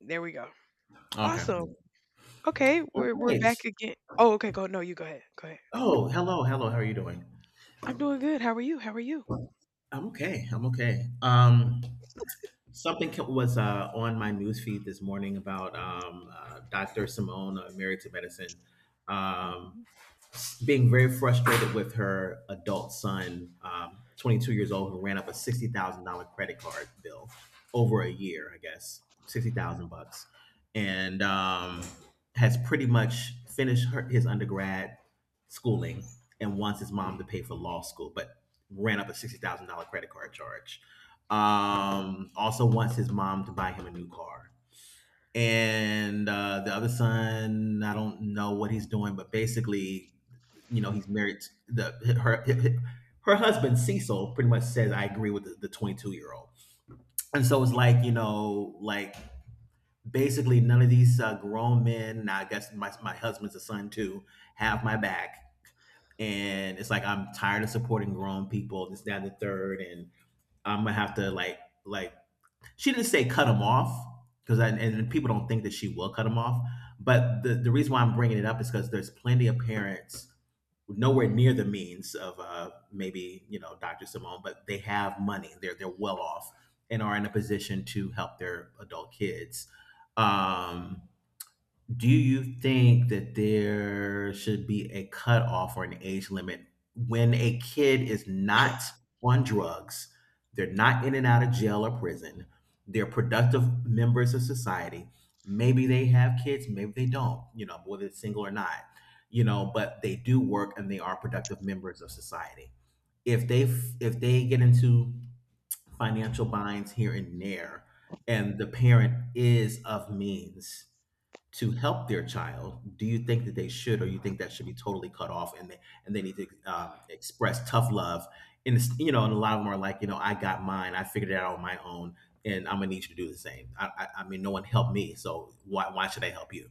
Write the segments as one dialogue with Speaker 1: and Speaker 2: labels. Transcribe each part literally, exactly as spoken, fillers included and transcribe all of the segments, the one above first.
Speaker 1: There we go.
Speaker 2: Okay.
Speaker 1: Awesome. Okay,
Speaker 2: All
Speaker 1: we're we're
Speaker 2: right.
Speaker 1: back again. Oh, okay. Go. No, you go ahead. Go ahead.
Speaker 2: Oh, hello, hello. How are you doing?
Speaker 1: I'm doing good. How are you? How are you?
Speaker 2: I'm okay. I'm okay. Um, something ca- was uh, on my news feed this morning about um, uh, Doctor Simone, uh, married to medicine. Um,
Speaker 1: Mhm,
Speaker 2: Being very frustrated with her adult son, um, twenty-two years old, who ran up a sixty thousand dollars credit card bill over a year, I guess, sixty thousand bucks, and um, has pretty much finished her, his undergrad schooling and wants his mom to pay for law school, but ran up a sixty thousand dollars credit card charge. Um, also wants his mom to buy him a new car, and uh, the other son, I don't know what he's doing, but basically, you know, he's married. To the her her husband Cecil pretty much says, "I agree with the twenty-two year old," and so it's like, you know, like, basically none of these uh, grown men. Now I guess my my husband's a son too. Have my back, and it's like I'm tired of supporting grown people. This, that, and the third, and I'm gonna have to, like like she didn't say cut him off because and, people don't think that she will cut him off, but the, the reason why I'm bringing it up is because there's plenty of parents nowhere near the means of uh, maybe, you know Dr. Simone, but they have money. They're they're well off, and are in a position to help their adult kids. Um, do you think that there should be a cutoff or an age limit when a kid is not on drugs? They're not in and out of jail or prison. They're productive members of society. Maybe they have kids, maybe they don't, you know, whether it's single or not, you know, but they do work and they are productive members of society. If they if they get into financial binds here and there, and the parent is of means to help their child, do you think that they should, or you think that should be totally cut off, and they and they need to um, express tough love? And it's, you know, and a lot of them are like, you know, I got mine, I figured it out on my own, and I'm gonna need you to do the same. I, I, I mean, no one helped me, so why why should I help you?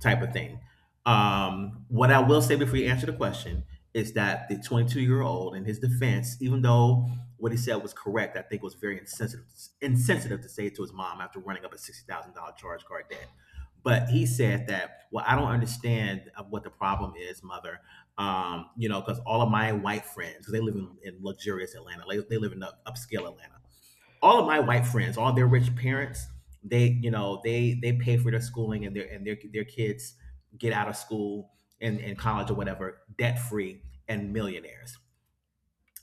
Speaker 2: Type of thing. Um, what I will say before you answer the question is that
Speaker 1: mhm,
Speaker 2: the twenty-two year old, in his defense, even though what he said was correct, I think was very insensitive insensitive to say it to his mom after running up a sixty thousand dollar charge card debt. But he said that, well, I don't understand, uh, what the problem is, Mother. Um, you know because all of my white friends, 'cause they live in, in luxurious Atlanta, they, they live in up, upscale Atlanta. All of my white friends, all their rich parents, they you know they they pay for their schooling, and their and their, their kids get out of school and, and college or whatever, debt free and millionaires.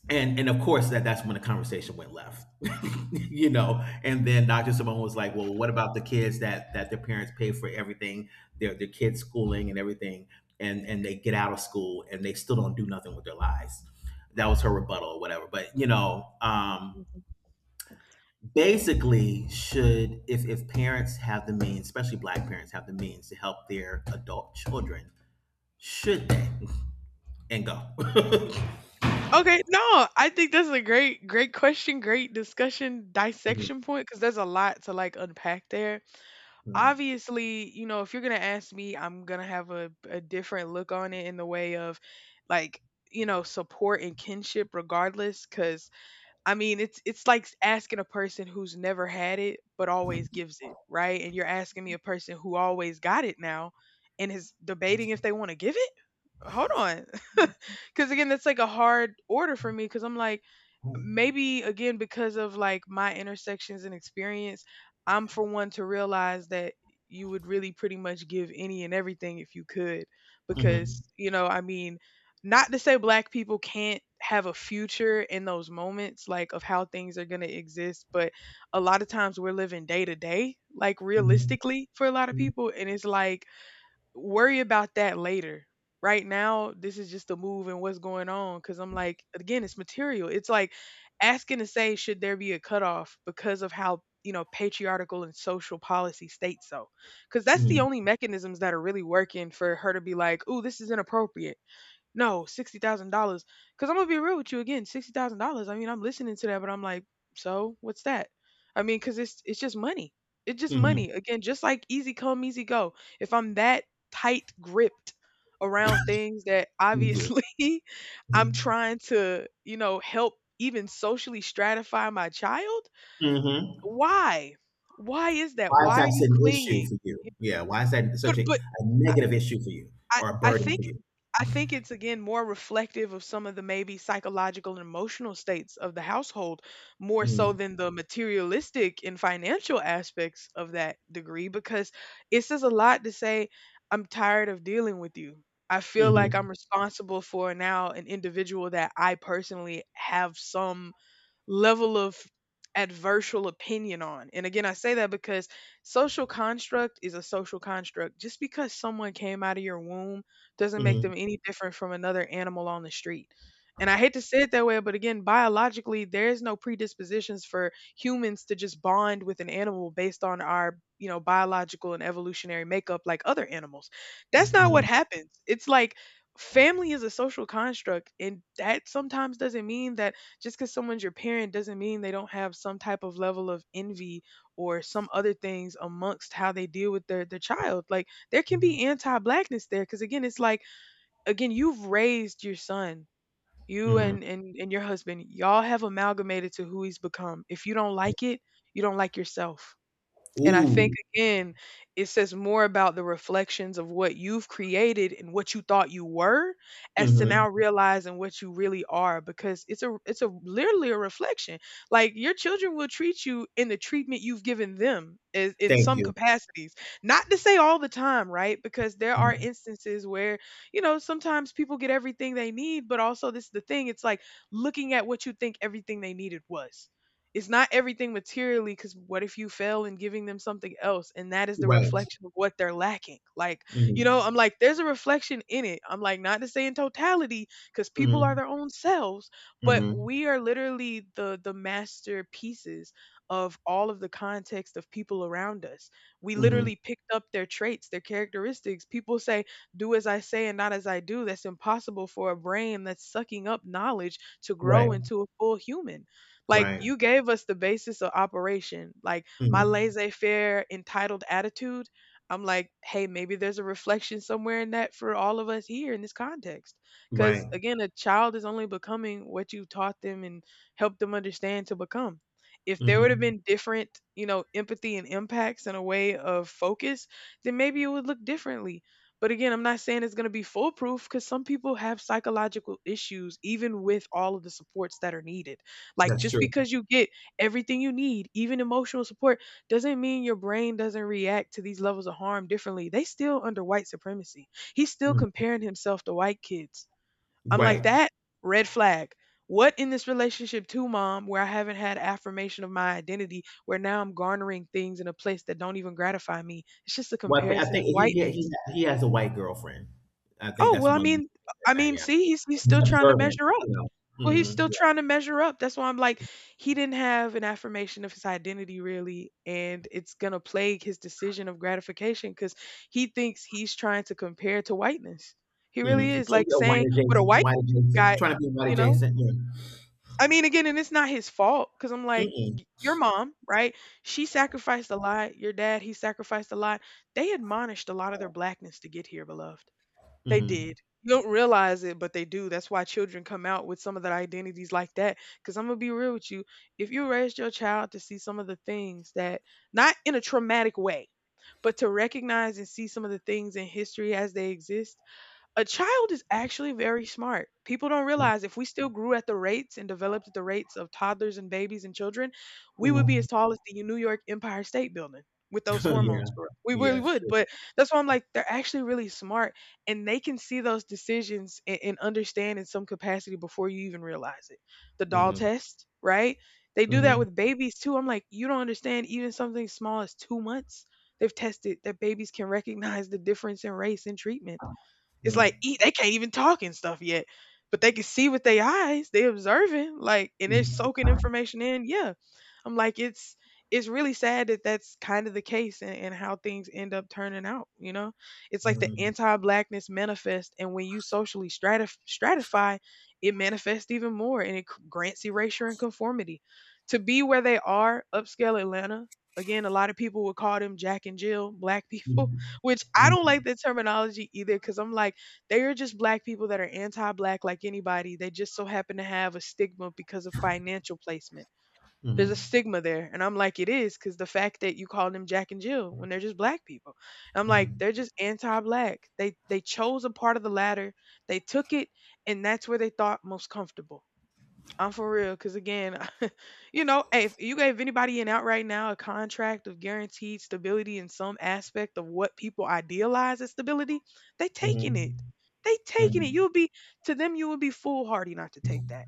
Speaker 2: And and of course that that's when the conversation went left. You know and then Dr. Simone was like, well, what about the kids that that their parents pay for everything, their their kids' schooling and everything, and and they get out of school and they still don't do nothing with their lives? That was her rebuttal or whatever, but you know um
Speaker 1: mhm.
Speaker 2: basically, should, if if parents have the means, especially black parents have the means to help their adult children, should they? And go.
Speaker 1: Okay, no, I think that's a great, great question, great discussion,
Speaker 2: Mhm.
Speaker 1: dissection point, because there's a lot to like unpack there.
Speaker 2: Mhm.
Speaker 1: Obviously, you know, if you're gonna ask me, I'm gonna have a, a different look on it in the way of like, you know, support and kinship regardless, because I mean, it's it's like asking a person who's never had it but always gives it, right? And you're asking me a person who always got it now and is debating if they want to give it? Hold on. Cuz again, that's like a hard order for me cuz I'm like maybe again because of like my intersections and experience, I'm for one to realize that you would really pretty much give any and everything if you could because you know I mean, not to say black people can't have a future in those moments like of how things are going to exist, but a lot of times we're living day to day like
Speaker 2: Mhm.
Speaker 1: realistically for a lot of
Speaker 2: Mm,
Speaker 1: people, and it's like worry about that later. Right now, this is just a move and what's going on. Cause I'm like, again, it's material. It's like asking to say, should there be a cutoff because of how, you know, patriarchal and social policy states so? Cause that's the
Speaker 2: mm,
Speaker 1: only mechanisms that are really working for her to be like, ooh, this is inappropriate. No, sixty thousand dollars. Because I'm gonna be real with you again, sixty thousand dollars. I mean, I'm listening to that, but I'm like, so what's that? I mean, because it's it's just money. It's just
Speaker 2: mhm,
Speaker 1: money. Again, just like easy come, easy go. If I'm that tight gripped around things that
Speaker 2: thank you.
Speaker 1: obviously I'm
Speaker 2: Mhm,
Speaker 1: trying to, you know, help even socially stratify my child,
Speaker 2: mhm.
Speaker 1: why? Why is that?
Speaker 2: Why is
Speaker 1: Why are you
Speaker 2: that an
Speaker 1: clinging?
Speaker 2: issue for you? Yeah, why is that
Speaker 1: But
Speaker 2: such a
Speaker 1: but
Speaker 2: a negative issue for you,
Speaker 1: I
Speaker 2: or a
Speaker 1: I
Speaker 2: burden
Speaker 1: think
Speaker 2: for you?
Speaker 1: I think it's again more reflective of some of the maybe psychological and emotional states of the household more so
Speaker 2: Mhm,
Speaker 1: than the materialistic and financial aspects of that degree, because it says a lot to say I'm tired of dealing with you. I feel like
Speaker 2: mhm,
Speaker 1: I'm responsible for now an individual that I personally have some level of adversarial opinion on. And again, I say that because social construct is a social construct. Just because someone came out of your womb doesn't make
Speaker 2: mhm,
Speaker 1: them any different from another animal on the street. And I hate to say it that way, but again, biologically, there's no predispositions for humans to just bond with an animal based on our, you know, biological and evolutionary makeup like other animals. That's not what
Speaker 2: mhm,
Speaker 1: happens. It's like family is a social construct, and that sometimes doesn't mean that just because someone's your parent doesn't mean they don't have some type of level of envy or some other things amongst how they deal with their, their child. Like there can be anti-blackness there because again, it's like again, you've raised your son. You
Speaker 2: mhm.
Speaker 1: and, and and your husband, y'all have amalgamated to who he's become. If you don't like it, you don't like yourself. And I think
Speaker 2: Ooh,
Speaker 1: again, it says more about the reflections of what you've created and what you thought you were, as to now
Speaker 2: mhm,
Speaker 1: realizing what you really are, because it's a it's a literally a reflection. Like your children will treat you in the treatment you've given them is in
Speaker 2: thank
Speaker 1: some
Speaker 2: you.
Speaker 1: capacities. Not to say all the time, right? Because there are
Speaker 2: Mm,
Speaker 1: instances where, you know, sometimes people get everything they need, but also this is the thing, it's like looking at what you think everything they needed was. It's not everything materially because what if you fail in giving them something else and that is the
Speaker 2: right.
Speaker 1: reflection of what they're lacking? Like, you know,
Speaker 2: Mhm,
Speaker 1: I'm like, there's a reflection in it. I'm like, not to say in totality because people are
Speaker 2: mhm,
Speaker 1: their own selves, but
Speaker 2: mhm,
Speaker 1: we are literally the the masterpieces of all of the context of people around us. We
Speaker 2: mhm.
Speaker 1: literally picked up their traits, their characteristics. People say, do as I say and not as I do. That's impossible for a brain that's sucking up knowledge to
Speaker 2: Right,
Speaker 1: grow into a full human. Like
Speaker 2: right,
Speaker 1: you gave us the basis of operation. Like my
Speaker 2: mhm,
Speaker 1: laissez-faire entitled attitude. I'm like, hey, maybe there's a reflection somewhere in that for all of us here in this context. Because
Speaker 2: right,
Speaker 1: again, a child is only becoming what you taught them and helped them understand to become. If there would have
Speaker 2: mhm.
Speaker 1: been different, you know, empathy and impacts and a way of focus, then maybe it would look differently. But again, I'm not saying it's going to be foolproof because some people have psychological issues even with all of the supports that are needed. Like
Speaker 2: That's
Speaker 1: just
Speaker 2: true.
Speaker 1: because you get everything you need, even emotional support, doesn't mean your brain doesn't react to these levels of harm differently. They still under white supremacy. He's still
Speaker 2: Mhm,
Speaker 1: comparing himself to white kids. I'm like
Speaker 2: right.
Speaker 1: that red flag. What in this relationship too, mom, where I haven't had affirmation of my identity, where now I'm garnering things in a place that don't even gratify me. It's just a
Speaker 2: Well, I thi- I
Speaker 1: comparison to
Speaker 2: think he he he
Speaker 1: whiteness.
Speaker 2: he has a white girlfriend. I think
Speaker 1: Oh,
Speaker 2: that's
Speaker 1: well, I
Speaker 2: one
Speaker 1: mean,
Speaker 2: reason.
Speaker 1: I mean,
Speaker 2: Yeah,
Speaker 1: see, he's, he's
Speaker 2: he's
Speaker 1: still trying to
Speaker 2: observant,
Speaker 1: measure up.
Speaker 2: you know.
Speaker 1: Well, he's still
Speaker 2: Mm-hmm.
Speaker 1: trying to measure up. That's why I'm like, he didn't have an affirmation of his identity, really. And it's going to plague his decision of gratification because he thinks he's trying to compare to whiteness. He
Speaker 2: Yeah. Mm-hmm.
Speaker 1: really is
Speaker 2: Trying to
Speaker 1: like
Speaker 2: be a white
Speaker 1: saying what a
Speaker 2: adjacent,
Speaker 1: white
Speaker 2: white adjacent,
Speaker 1: guy,
Speaker 2: trying to be white
Speaker 1: you know?
Speaker 2: adjacent. Yeah.
Speaker 1: I mean, again, and it's not his fault because I'm like,
Speaker 2: Mm-mm.
Speaker 1: y- your mom, right? She sacrificed a lot. Your dad, he sacrificed a lot. They admonished a lot of their blackness to get here, beloved. They
Speaker 2: Mm-hmm.
Speaker 1: did. You don't realize it, but they do. That's why children come out with some of their identities like that. Because I'm going to be real with you. If you raised your child to see some of the things that, not in a traumatic way, but to recognize and see some of the things in history as they exist, a child is actually very smart. People don't realize if we still grew at the rates and developed at the rates of toddlers and babies and children, we would be
Speaker 2: Mm-hmm.
Speaker 1: as tall as the New York Empire State Building with those
Speaker 2: yeah.
Speaker 1: hormones, girl. We
Speaker 2: Yeah,
Speaker 1: really
Speaker 2: it's.
Speaker 1: would. But that's why I'm like, they're actually really smart and they can see those decisions and, and understand in some capacity before you even realize it. The doll
Speaker 2: Mm-hmm.
Speaker 1: test, right? They do that
Speaker 2: Mm-hmm.
Speaker 1: with babies too. I'm like, you don't understand even something small as two months. They've tested that babies can recognize the difference in race and treatment, it's like e they can't even talk and stuff yet, but they can see with their eyes. They observing, like, and they're
Speaker 2: Mm-hmm.
Speaker 1: soaking information in. Yeah, I'm like, it's it's really sad that that's kind of the case and, and how things end up turning out. You know, it's like the
Speaker 2: Mm-hmm.
Speaker 1: anti-blackness manifest, and when you socially stratif- stratify, it manifests even more, and it c- grants erasure and conformity. To be where they are, upscale Atlanta. Again, a lot of people would call them Jack and Jill, black people, which I don't
Speaker 2: Mm-hmm.
Speaker 1: like the terminology either because I'm like they are just black people that are anti-black like anybody. They just so happen to have a stigma because of financial placement. There's a
Speaker 2: Mm-hmm.
Speaker 1: stigma there. And I'm like, it is because the fact that you call them Jack and Jill when they're just black people. I'm like, they're just anti-black. They they chose a part of the ladder, they took it, and that's where they thought most comfortable. I'm for real, cause again, you know, hey, if you gave anybody an out right now, a contract of guaranteed stability in some aspect of what people idealize as stability, they taking it.
Speaker 2: Mm-hmm.
Speaker 1: They taking it. You'll be to them, you would be foolhardy not to take that.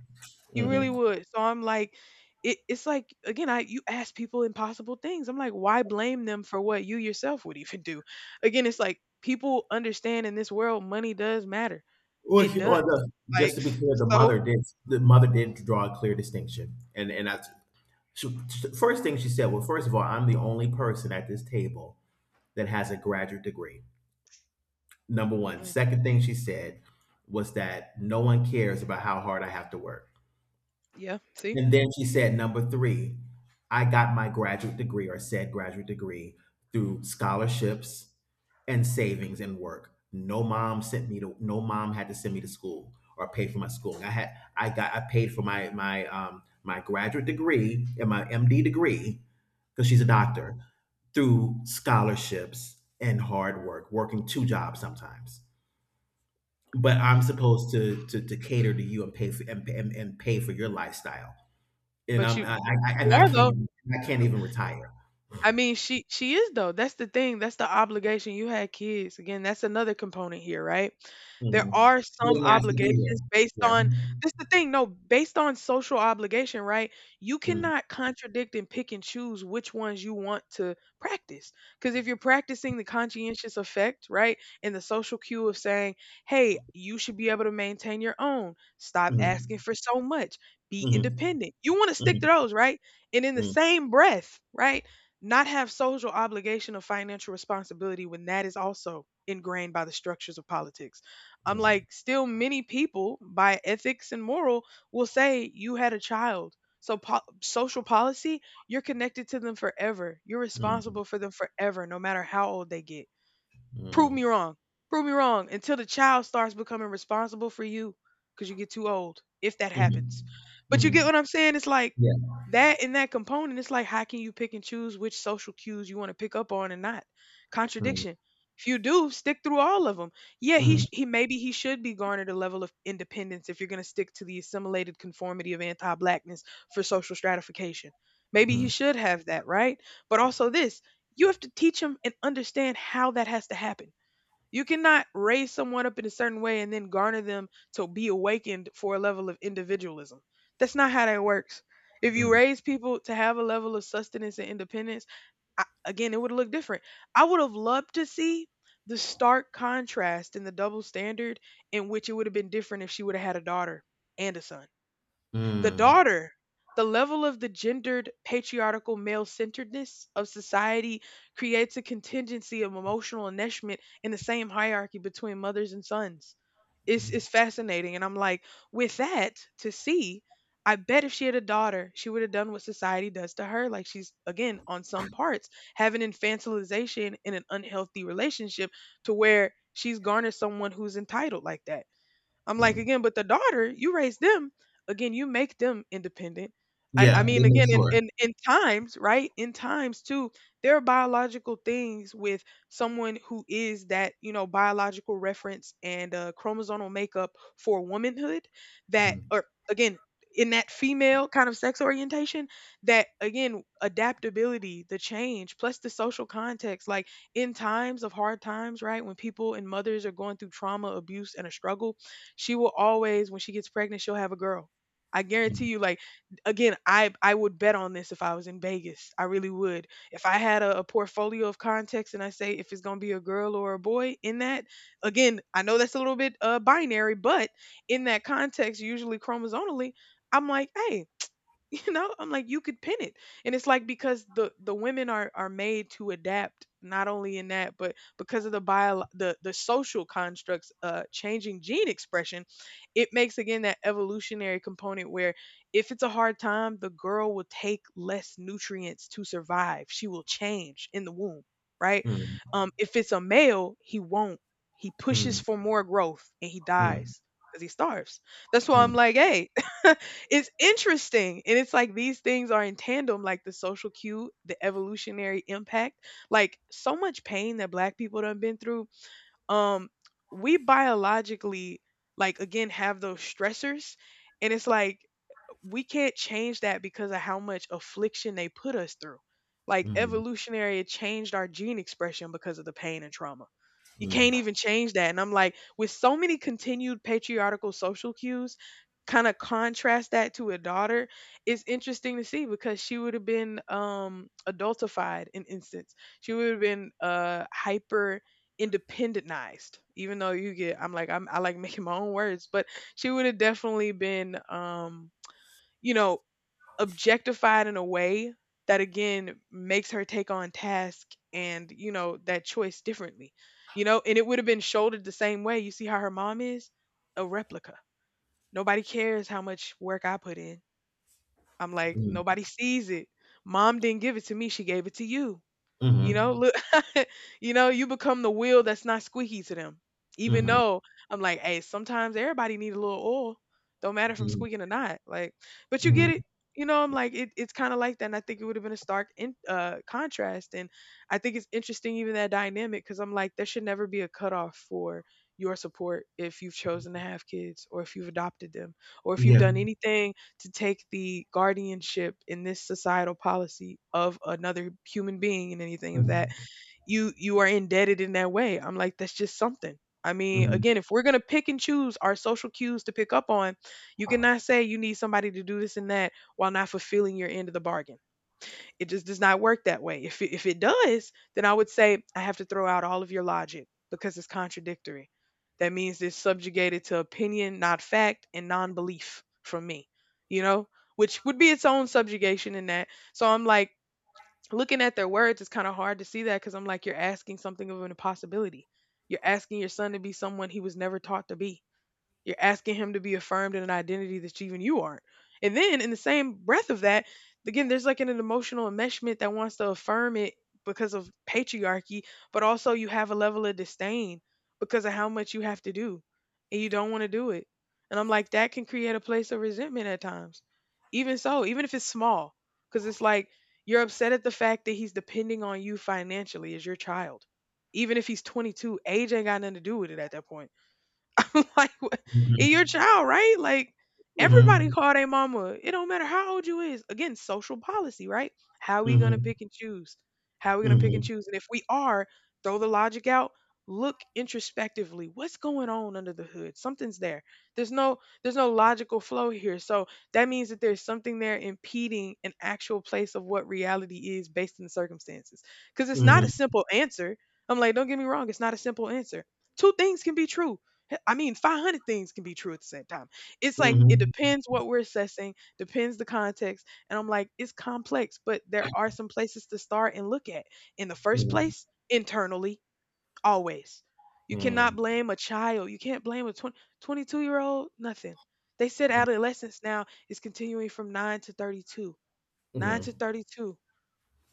Speaker 1: You really
Speaker 2: Mm-hmm.
Speaker 1: would. So I'm like, it, it's like again, I you ask people impossible things. I'm like, why blame them for what you yourself would even do? Again, it's like people understand in this world, money does matter.
Speaker 2: Well,
Speaker 1: It
Speaker 2: she- well,
Speaker 1: does.
Speaker 2: the,
Speaker 1: Like
Speaker 2: just to be clear, the
Speaker 1: so,
Speaker 2: mother did the mother did draw a clear distinction. And and that's she, she- first thing she said. Well, first of all, I'm the only person at this table that has a graduate degree. Number one.
Speaker 1: mm,
Speaker 2: Second thing she said was that no one cares about how hard I have to work.
Speaker 1: yeah. See.
Speaker 2: And then she said, number three, I got my graduate degree, or said graduate degree, through scholarships and savings and work. No mom sent me to no mom had to send me to school or pay for my schooling. I had I got I paid for my my um my graduate degree and my M D degree, because she's a
Speaker 1: Mhm.
Speaker 2: doctor, through scholarships and hard work, working two jobs sometimes. But I'm supposed to to, to cater to you and pay for and, and, and pay for your lifestyle. And
Speaker 1: But
Speaker 2: I'm
Speaker 1: you
Speaker 2: I, I
Speaker 1: you
Speaker 2: and I
Speaker 1: are
Speaker 2: can't
Speaker 1: though.
Speaker 2: even I can't even retire.
Speaker 1: I mean, she she is though. That's the thing. That's the obligation. You had kids. Again, that's another component here, right? There
Speaker 2: Mhm.
Speaker 1: are some
Speaker 2: Getting asked to be there.
Speaker 1: obligations based
Speaker 2: Yeah.
Speaker 1: on this the thing, no, based on social obligation, right? You
Speaker 2: Mhm.
Speaker 1: cannot contradict and pick and choose which ones you want to practice. Because if you're practicing the conscientious effect, right, and the social cue of saying, hey, you should be able to maintain your own, stop asking
Speaker 2: Mhm.
Speaker 1: for so much, be independent. You want to stick to
Speaker 2: Mhm.
Speaker 1: those, right? And in the
Speaker 2: Mhm.
Speaker 1: same breath, right? Not have social obligation or financial responsibility when that is also ingrained by the structures of politics. I'm
Speaker 2: Mhm.
Speaker 1: like, still many people by ethics and moral will say you had a child. So po- social policy, you're connected to them forever. You're
Speaker 2: Mhm.
Speaker 1: responsible for them forever, no matter how old they get. Prove me wrong. Prove me wrong until the child starts becoming responsible for you because you get too old, if that
Speaker 2: Mhm. Mhm.
Speaker 1: happens.
Speaker 2: Mhm.
Speaker 1: But you get
Speaker 2: Mhm.
Speaker 1: what I'm saying? It's like
Speaker 2: Yeah.
Speaker 1: that in that component, it's like how can you pick and choose which social cues you want to pick up on and not?
Speaker 2: Mhm.
Speaker 1: Contradiction. If you do, stick through all of them. Yeah, he
Speaker 2: Mhm.
Speaker 1: sh- he maybe he should be garnered a level of independence if you're going to stick to the assimilated conformity of anti-blackness for social stratification. Maybe he
Speaker 2: Mhm.
Speaker 1: should have that, right? But also this, you have to teach them and understand how that has to happen. You cannot raise someone up in a certain way and then garner them to be awakened for a level of individualism. That's not how that works. If you
Speaker 2: Mhm.
Speaker 1: raise people to have a level of sustenance and independence, I, again, it would look different. I would have loved to see the stark contrast and the double standard in which it would have been different if she would have had a daughter and a son. The daughter, the level of the gendered, patriarchal, male centeredness of society creates a contingency of emotional enmeshment in the same hierarchy between mothers and sons. It's,
Speaker 2: Mhm.
Speaker 1: it's fascinating. And I'm like, with that to see, I bet if she had a daughter, she would have done what society does to her. Like she's, again, on some parts, having infantilization in an unhealthy relationship to where she's garnered someone who's entitled like that. I'm like,
Speaker 2: Mhm.
Speaker 1: again, but the daughter, you raise them. Again, you make them independent. I, I
Speaker 2: Yeah, they
Speaker 1: mean,
Speaker 2: make
Speaker 1: again, in,
Speaker 2: sure.
Speaker 1: in, in times, right? In times too, there are biological things with someone who is that, you know, biological reference and uh, chromosomal makeup for womanhood that,
Speaker 2: Mhm.
Speaker 1: or again, in that female kind of sex orientation, that again, adaptability, the change, plus the social context, like in times of hard times, right? When people and mothers are going through trauma, abuse, and a struggle, she will always when she gets pregnant she'll have a girl, I guarantee
Speaker 2: Mhm.
Speaker 1: you. Like again, i i would bet on this if I was in Vegas. I really would if I had a, a portfolio of context and I say if it's going to be a girl or a boy in that. Again, I know that's a little bit uh binary, but in that context usually chromosomally I'm like, hey, you know, I'm like you could pin it. And it's like because the the women are are made to adapt not only in that but because of the bio, the the social constructs, uh changing gene expression. It makes again that evolutionary component where if it's a hard time the girl will take less nutrients to survive. She will change in the womb, right?
Speaker 2: Mhm.
Speaker 1: Um, if it's a male he won't. He pushes for more growth and he
Speaker 2: Mhm.
Speaker 1: dies because he starves. That's why I'm
Speaker 2: Mhm.
Speaker 1: like, hey, it's interesting. And it's like these things are in tandem, like the social cue, the evolutionary impact, like so much pain that black people done been through. Um, we biologically like again have those stressors. And it's like we can't change that because of how much affliction they put us through. Like
Speaker 2: Mhm.
Speaker 1: evolutionary, it changed our gene expression because of the pain and trauma. You
Speaker 2: Mhm.
Speaker 1: can't even change that. And I'm like, with so many continued patriarchal social cues, kind of contrast that to a daughter, it's interesting to see because she would have been um adultified in instance. She would have been uh hyper independentized, even though you get I'm like I'm I like making my own words, but she would have definitely been um you know, objectified in a way that again makes her take on task and, you know, that choice differently. You know, and it would have been shouldered the same way. You see how her mom is? A replica. Nobody cares how much work I put in. I'm like,
Speaker 2: Mhm.
Speaker 1: nobody sees it. Mom didn't give it to me, she gave it to you. You know,
Speaker 2: Mhm.
Speaker 1: look, you know, you become the wheel that's not squeaky to them. Even
Speaker 2: Mhm.
Speaker 1: though I'm like, hey, sometimes everybody need a little oil. Don't matter if I'm
Speaker 2: Mhm.
Speaker 1: squeaking or not. Like, but you get it.
Speaker 2: Mhm.
Speaker 1: You know, I'm like, it, it's kind of like that. And I think it would have been a stark in, uh, contrast. And I think it's interesting, even that dynamic, because I'm like, there should never be a cutoff for your support if you've chosen to have kids or if you've adopted them or if you've
Speaker 2: Yeah.
Speaker 1: done anything to take the guardianship in this societal policy of another human being and anything of that,
Speaker 2: Mhm.
Speaker 1: you you are indebted in that way. I'm like, that's just something. I mean,
Speaker 2: Mhm.
Speaker 1: again, if we're going to pick and choose our social cues to pick up on, you cannot say you need somebody to do this and that while not fulfilling your end of the bargain. It just does not work that way. If it, if it does, then I would say I have to throw out all of your logic because it's contradictory. That means it's subjugated to opinion, not fact, and non-belief from me. You know, which would be its own subjugation in that. So I'm like looking at their words. It's kind of hard to see that because I'm like you're asking something of an impossibility. You're asking your son to be someone he was never taught to be. You're asking him to be affirmed in an identity that even you aren't. And then in the same breath of that, again, there's like an, an emotional enmeshment that wants to affirm it because of patriarchy, but also you have a level of disdain because of how much you have to do and you don't want to do it. And I'm like, that can create a place of resentment at times. Even so, even if it's small, because it's like you're upset at the fact that he's depending on you financially as your child. Even if he's twenty-two, age ain't got nothing to do with it at that point. I'm like, "What- it your
Speaker 2: Mhm.
Speaker 1: child, right? Like everybody
Speaker 2: Mhm.
Speaker 1: call their mama. It don't matter how old you is. Again, social policy, right? How we gonna
Speaker 2: Mhm.
Speaker 1: pick and choose? How we gonna pick and
Speaker 2: Mhm.
Speaker 1: choose? And if we are, throw the logic out. Look introspectively. What's going on under the hood? Something's there. There's no there's no logical flow here. So that means that there's something there impeding an actual place of what reality is based on the circumstances. Because it's not a simple answer. I'm like, don't get me wrong, it's not a simple answer. Two things can be true. I mean, five hundred things can be true at the same time. It's like it
Speaker 2: Mhm. Mhm.
Speaker 1: depends what we're assessing, depends the context. And I'm like, it's complex, but there are some places to start and look at. In the first place, internally, always. You cannot
Speaker 2: Mhm.
Speaker 1: blame a child. You can't blame a twenty, twenty-two year old, nothing. They said adolescence now is continuing from nine to thirty-two.
Speaker 2: Mhm.
Speaker 1: nine to
Speaker 2: Mhm.
Speaker 1: thirty-two,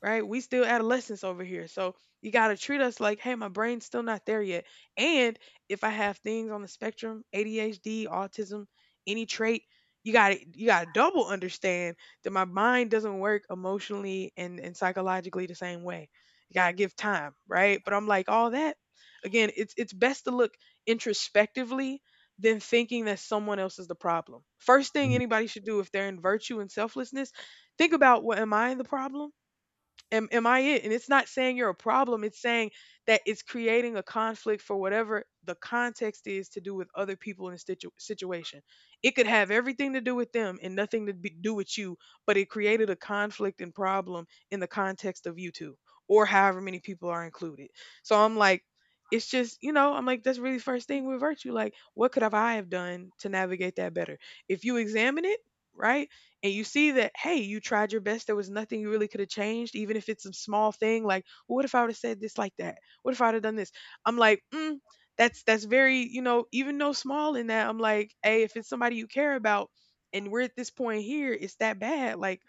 Speaker 1: right? We still adolescents over here. So you got to treat us like, hey, my brain's still not there yet. And if I have things on the spectrum, A D H D, autism, any trait, you got to you got to double understand that my mind doesn't work emotionally and and psychologically the same way. You got to give time, right? But I'm like all that again, it's it's best to look introspectively than thinking that someone else is the problem. First thing anybody should do if they're in virtue and selflessness, think about what am I the problem? am am I it? And it's not saying you're a problem. It's saying that it's creating a conflict for whatever the context is to do with other people in a situ- situation. It could have everything to do with them and nothing to be, do with you, but it created a conflict and problem in the context of you two or however many people are included. So I'm like it's just, you know, I'm like that's really the first thing with virtue, like what could have I have done to navigate that better? If you examine it, right? And you see that, hey, you tried your best. There was nothing you really could have changed, even if it's a small thing like, well, what if I would have said this like that? What if I'd have done this? I'm like, mm, that's that's very, you know, even though small in that. I'm like, hey, if it's somebody you care about and we're at this point here, it's that bad, like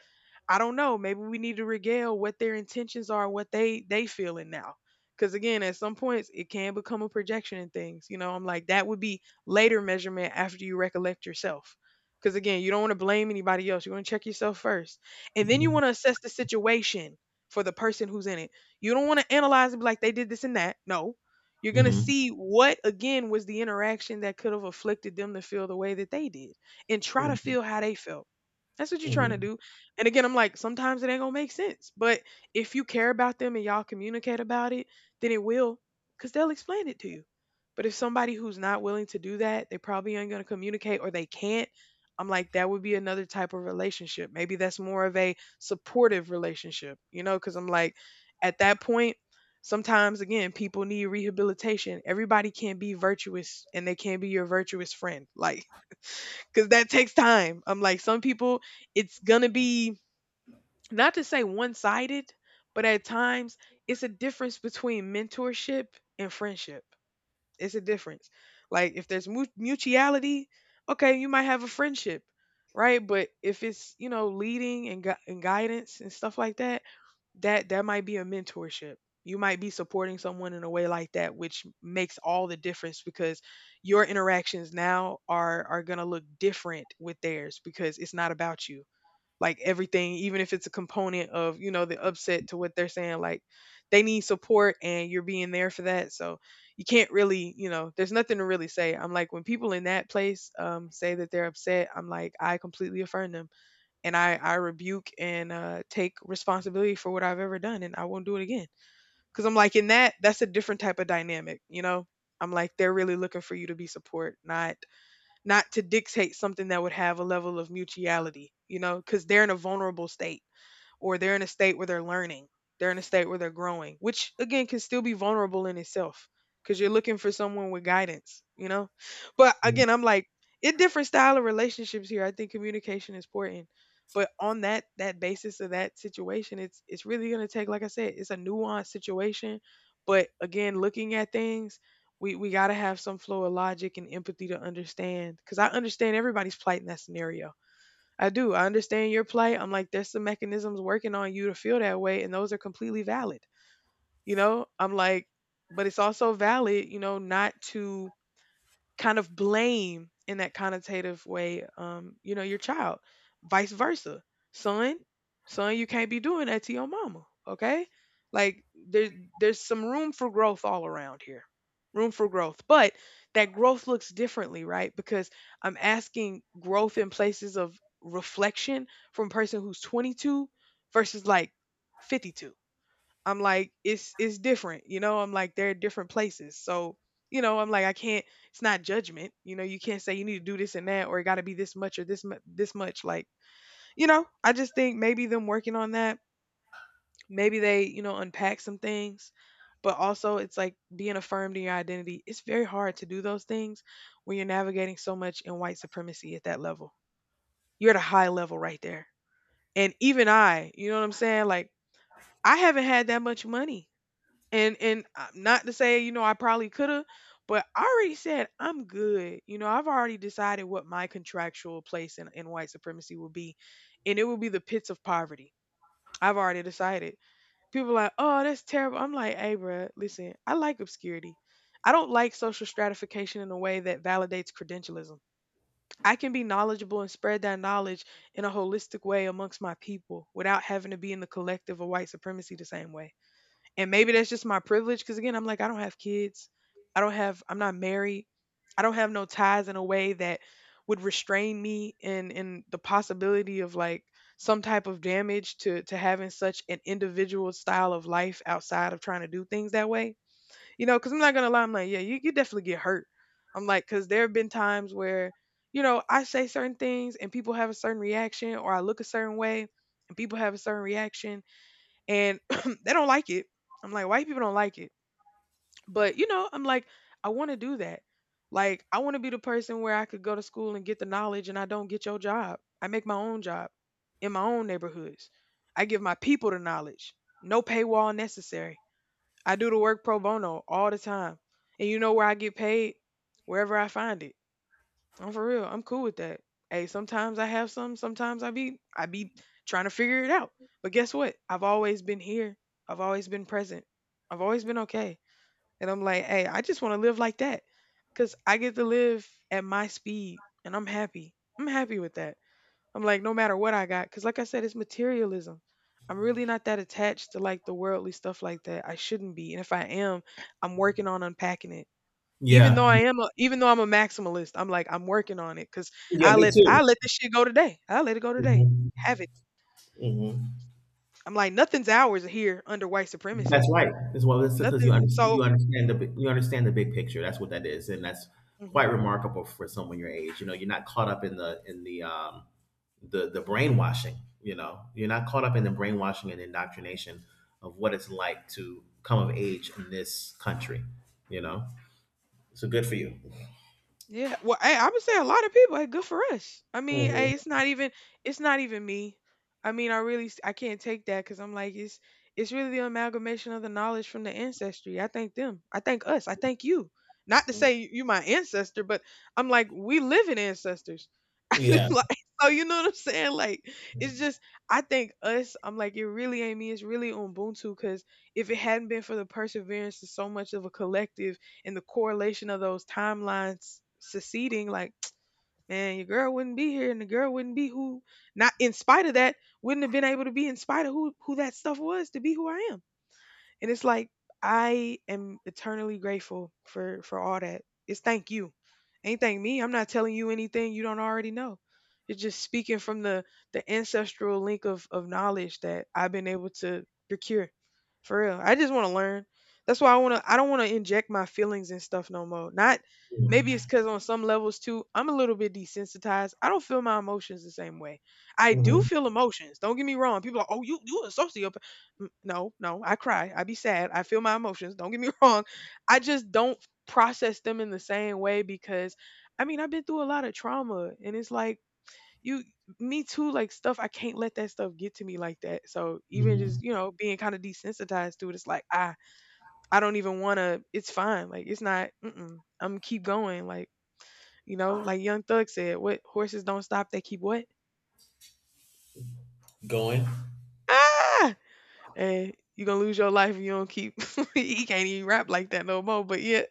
Speaker 1: I don't know, maybe we need to regale what their intentions are, what they they feeling now, because again, at some points it can become a projection in things, you know. I'm like, that would be later measurement after you recollect yourself, because again, you don't want to blame anybody else. You want to check yourself first. And then you want to assess the situation for the person who's in it. You don't want to analyze it, be like, they did this and that. No. You're going to
Speaker 2: Mhm.
Speaker 1: see what, again, was the interaction that could have afflicted them to feel the way that they did and try to
Speaker 2: Mhm.
Speaker 1: feel how they felt. That's what you're trying to
Speaker 2: Mhm.
Speaker 1: do. And again, I'm like, sometimes it ain't going to make sense. But if you care about them and y'all communicate about it, then it will, because they'll explain it to you. But if somebody who's not willing to do that, they probably aren't going to communicate, or they can't, I'm like, that would be another type of relationship. Maybe that's more of a supportive relationship, you know, because I'm like, at that point, sometimes again, people need rehabilitation. Everybody can't be virtuous and they can't be your virtuous friend. Like, because that takes time. I'm like, some people, it's going to be, not to say one sided, but at times, it's a difference between mentorship and friendship. It's a difference. Like if there's mu- mutuality, okay, you might have a friendship, right? But if it's, you know, leading and gu- and guidance and stuff like that, that that might be a mentorship. You might be supporting someone in a way like that, which makes all the difference, because your interactions now are are gonna look different with theirs, because it's not about you. Like everything, even if it's a component of, you know, the upset to what they're saying. Like, they need support and you're being there for that. So you can't really, you know, there's nothing to really say. I'm like, when people in that place um, say that they're upset, I'm like, I completely affirm them and I, I rebuke and uh, take responsibility for what I've ever done, and I won't do it again. Cause I'm like, in that, that's a different type of dynamic, you know? I'm like, they're really looking for you to be support, not not to dictate something that would have a level of mutuality, you know, because they're in a vulnerable state, or they're in a state where they're learning, they're in a state where they're growing, which again can still be vulnerable in itself, because you're looking for someone with guidance, you know? But
Speaker 2: Mhm.
Speaker 1: again, I'm like, it different style of relationships here, I think communication is important. But on that that basis of that situation, it's it's really gonna take, like I said, it's a nuanced situation. But again, looking at things, we we gotta have some flow of logic and empathy to understand. Cause I understand everybody's plight in that scenario. I do. I understand your plight. I'm like, there's some mechanisms working on you to feel that way, and those are completely valid. You know, I'm like, but it's also valid, you know, not to kind of blame in that connotative way, um, you know, your child. Vice versa. Son, son, you can't be doing that to your mama. Okay? Like, there there's some room for growth all around here. Room for growth. But that growth looks differently, right? Because I'm asking growth in places of reflection from a person who's twenty-two versus like fifty-two. I'm like, it's it's different, you know. I'm like, they're different places, so you know, I'm like, I can't. It's not judgment, you know. You can't say you need to do this and that, or it got to be this much or this mu- this much. Like, you know, I just think maybe them working on that, maybe they, you know, unpack some things, but also it's like being affirmed in your identity. It's very hard to do those things when you're navigating so much in white supremacy at that level. You're at a high level right there, and even I, you know what I'm saying? Like, I haven't had that much money. And and uh, not to say, you know, I probably could have, but I already said I'm good. You know, I've already decided what my contractual place in, in white supremacy will be, and it will be the pits of poverty. I've already decided. People are like, oh, that's terrible. I'm like, hey, bruh, listen, I like obscurity. I don't like social stratification in a way that validates credentialism. I can be knowledgeable and spread that knowledge in a holistic way amongst my people without having to be in the collective of white supremacy the same way. And maybe that's just my privilege, because again, I'm like, I don't have kids. I don't have, I'm not married. I don't have no ties in a way that would restrain me in in the possibility of like some type of damage to to having such an individual style of life outside of trying to do things that way. You know, because I'm not gonna lie, I'm like, yeah, you, you definitely get hurt. I'm like, because there have been times where, you know, I say certain things and people have a certain reaction, or I look a certain way and people have a certain reaction and they don't like it. I'm like, white people don't like it. But you know, I'm like, I want to do that. Like, I want to be the person where I could go to school and get the knowledge, and I don't get your job. I make my own job in my own neighborhoods. I give my people the knowledge. No paywall necessary. I do the work pro bono all the time. And you know where I get paid? Wherever I find it. I'm for real. I'm cool with that. Hey, sometimes I have some, sometimes I be I be trying to figure it out. But guess what? I've always been here. I've always been present. I've always been okay. And I'm like, hey, I just want to live like that. Cause I get to live at my speed and I'm happy. I'm happy with that. I'm like, no matter what I got, cause like I said, it's materialism. I'm really not that attached to like the worldly stuff like that. I shouldn't be. And if I am, I'm working on unpacking it. Even though
Speaker 2: Yeah.
Speaker 1: I am a even though I'm a maximalist, I'm like, I'm working on it, cause
Speaker 2: Yeah,
Speaker 1: I
Speaker 2: me
Speaker 1: let
Speaker 2: too.
Speaker 1: I let this shit go today. I let it go today.
Speaker 2: Mhm.
Speaker 1: Have it.
Speaker 2: Mhm.
Speaker 1: I'm like, nothing's ours here under white
Speaker 2: That's
Speaker 1: supremacy.
Speaker 2: right. As well. It's because you
Speaker 1: Nothing.
Speaker 2: understand.
Speaker 1: So,
Speaker 2: You understand the. bi- You understand the big picture. That's what that is, and that's
Speaker 1: mhm.
Speaker 2: quite remarkable for someone your age. You know, you're not caught up in the in the um the the brainwashing. You know, you're not caught up in the brainwashing and indoctrination of what it's like to come of age in this country. You know, so good for you.
Speaker 1: Yeah, well, hey, I would say a lot of people. Hey, good for us. I mean,
Speaker 2: Hmm.
Speaker 1: hey, it's not even it's not even me. I mean, I really s- I can't take that, because I'm like it's it's really the amalgamation of the knowledge from the ancestry. I thank them. I thank us. I thank you. Not to say you, you my ancestor, but I'm like we live in ancestors.
Speaker 2: Yeah.
Speaker 1: Like, so, you know what I'm saying? Like, it's
Speaker 2: Hmm.
Speaker 1: just, I think us. I'm like, it really ain't me. It's really Ubuntu, because if it hadn't been for the perseverance of so much of a collective and the correlation of those timelines succeeding, like, man, your girl wouldn't be here and the girl wouldn't be who, not in spite of that, wouldn't have been able to be in spite of who, who that stuff was to be who I am, and it's like, I am eternally grateful for for all that. It's thank you. Ain't thank me. I'm not telling you anything you don't already know. It's just speaking from the the ancestral link of of knowledge that I've been able to procure. For real. I just want to learn. That's why I want to I don't want to inject my feelings and stuff no more. Not, maybe it's cuz on some levels too, I'm a little bit desensitized. I don't feel my emotions the same way. I do feel emotions. Don't get me wrong. People are, like, "Oh, you you a sociopath." Mm, no, no, I cry. I be sad. I feel my emotions. Don't get me wrong. I just don't process them in the same way because I mean, I've been through a lot of trauma, and it's like, you, me too, like stuff, I can't let that stuff get to me like that. So even just,
Speaker 2: Hmm.
Speaker 1: you know, being kind of desensitized to it, it's like, ah, I don't even want to, it's fine. Like it's not. Mm-mm. I'm keep going like, you know, like Young Thug said, what, horses don't stop, they keep what?
Speaker 2: Going.
Speaker 1: Ah! And you're gonna lose your life if you don't keep he can't even rap like that no more, but yeah,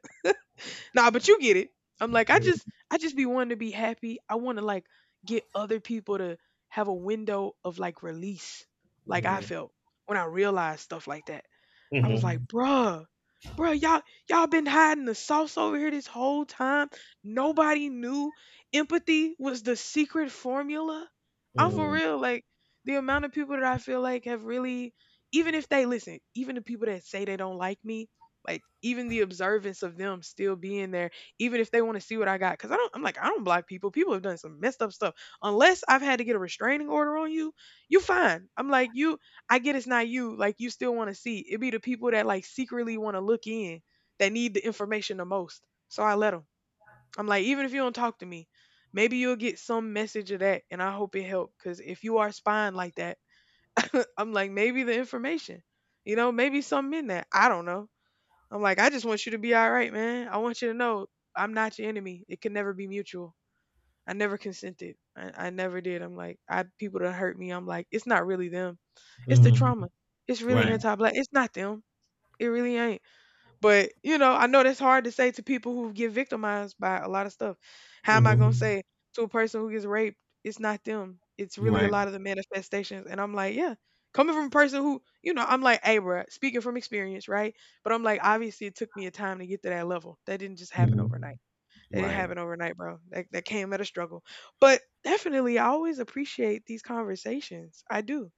Speaker 1: nah, but you get it. I'm like, I just,
Speaker 2: Mm-hmm.
Speaker 1: I just be wanting to be happy. I want to like get other people to have a window of like release, like I felt when I realized stuff like that. I was like,
Speaker 2: Hmm.
Speaker 1: bruh, bruh, y'all, y'all been hiding the sauce over here this whole time. Nobody knew empathy was the secret formula. I'm for
Speaker 2: Hmm.
Speaker 1: real. Like the amount of people that I feel like have really, even if they listen, even the people that say they don't like me, like even the observance of them still being there, even if they want to see what I got, because I don't, I'm like, I don't block people. People have done some messed up stuff. Unless I've had to get a restraining order on you, you fine. I'm like, you I get it's not you. Like you still want to see. It be the people that like secretly want to look in that need the information the most. So I let them. I'm like, even if you don't talk to me, maybe you'll get some message of that, and I hope it helped. Cause if you are spying like that, I'm like, maybe the information, you know, maybe something in that. I don't know. I'm like, I just want you to be all right, man. I want you to know I'm not your enemy. It can never be mutual. I never consented. I, I never did. I'm like, I, people that hurt me, I'm like, it's not really them. It's the
Speaker 2: Hmm.
Speaker 1: trauma. It's really
Speaker 2: Right.
Speaker 1: anti-black. It's not them. It really ain't. But you know, I know that's hard to say to people who get victimized by a lot of stuff. How am I gonna
Speaker 2: Hmm.
Speaker 1: say to a person who gets raped, it's not them. It's really a
Speaker 2: Right.
Speaker 1: lot of the manifestations. And I'm like, yeah. Coming from a person who, you know, I'm like, hey, bruh, speaking from experience, right? But I'm like, obviously, it took me a time to get to that level. That didn't just happen overnight.
Speaker 2: Mhm.
Speaker 1: It didn't
Speaker 2: Right.
Speaker 1: happen overnight, bro. That that came at a struggle. But definitely I always appreciate these conversations. I do.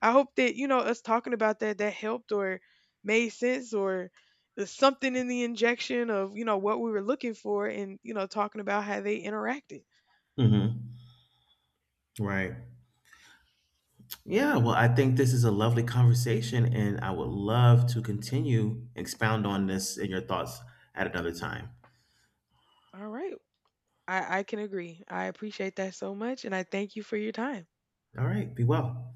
Speaker 1: I hope that, you know, us talking about that that helped or made sense or there's something in the injection of, you know, what we were looking for and, you know, talking about how they interacted.
Speaker 2: Mhm. Right. Yeah, well, I think this is a lovely conversation, and I would love to continue expound on this and your thoughts at another time.
Speaker 1: All right. I, I can agree. I appreciate that so much, and I thank you for your time.
Speaker 2: All right, be well.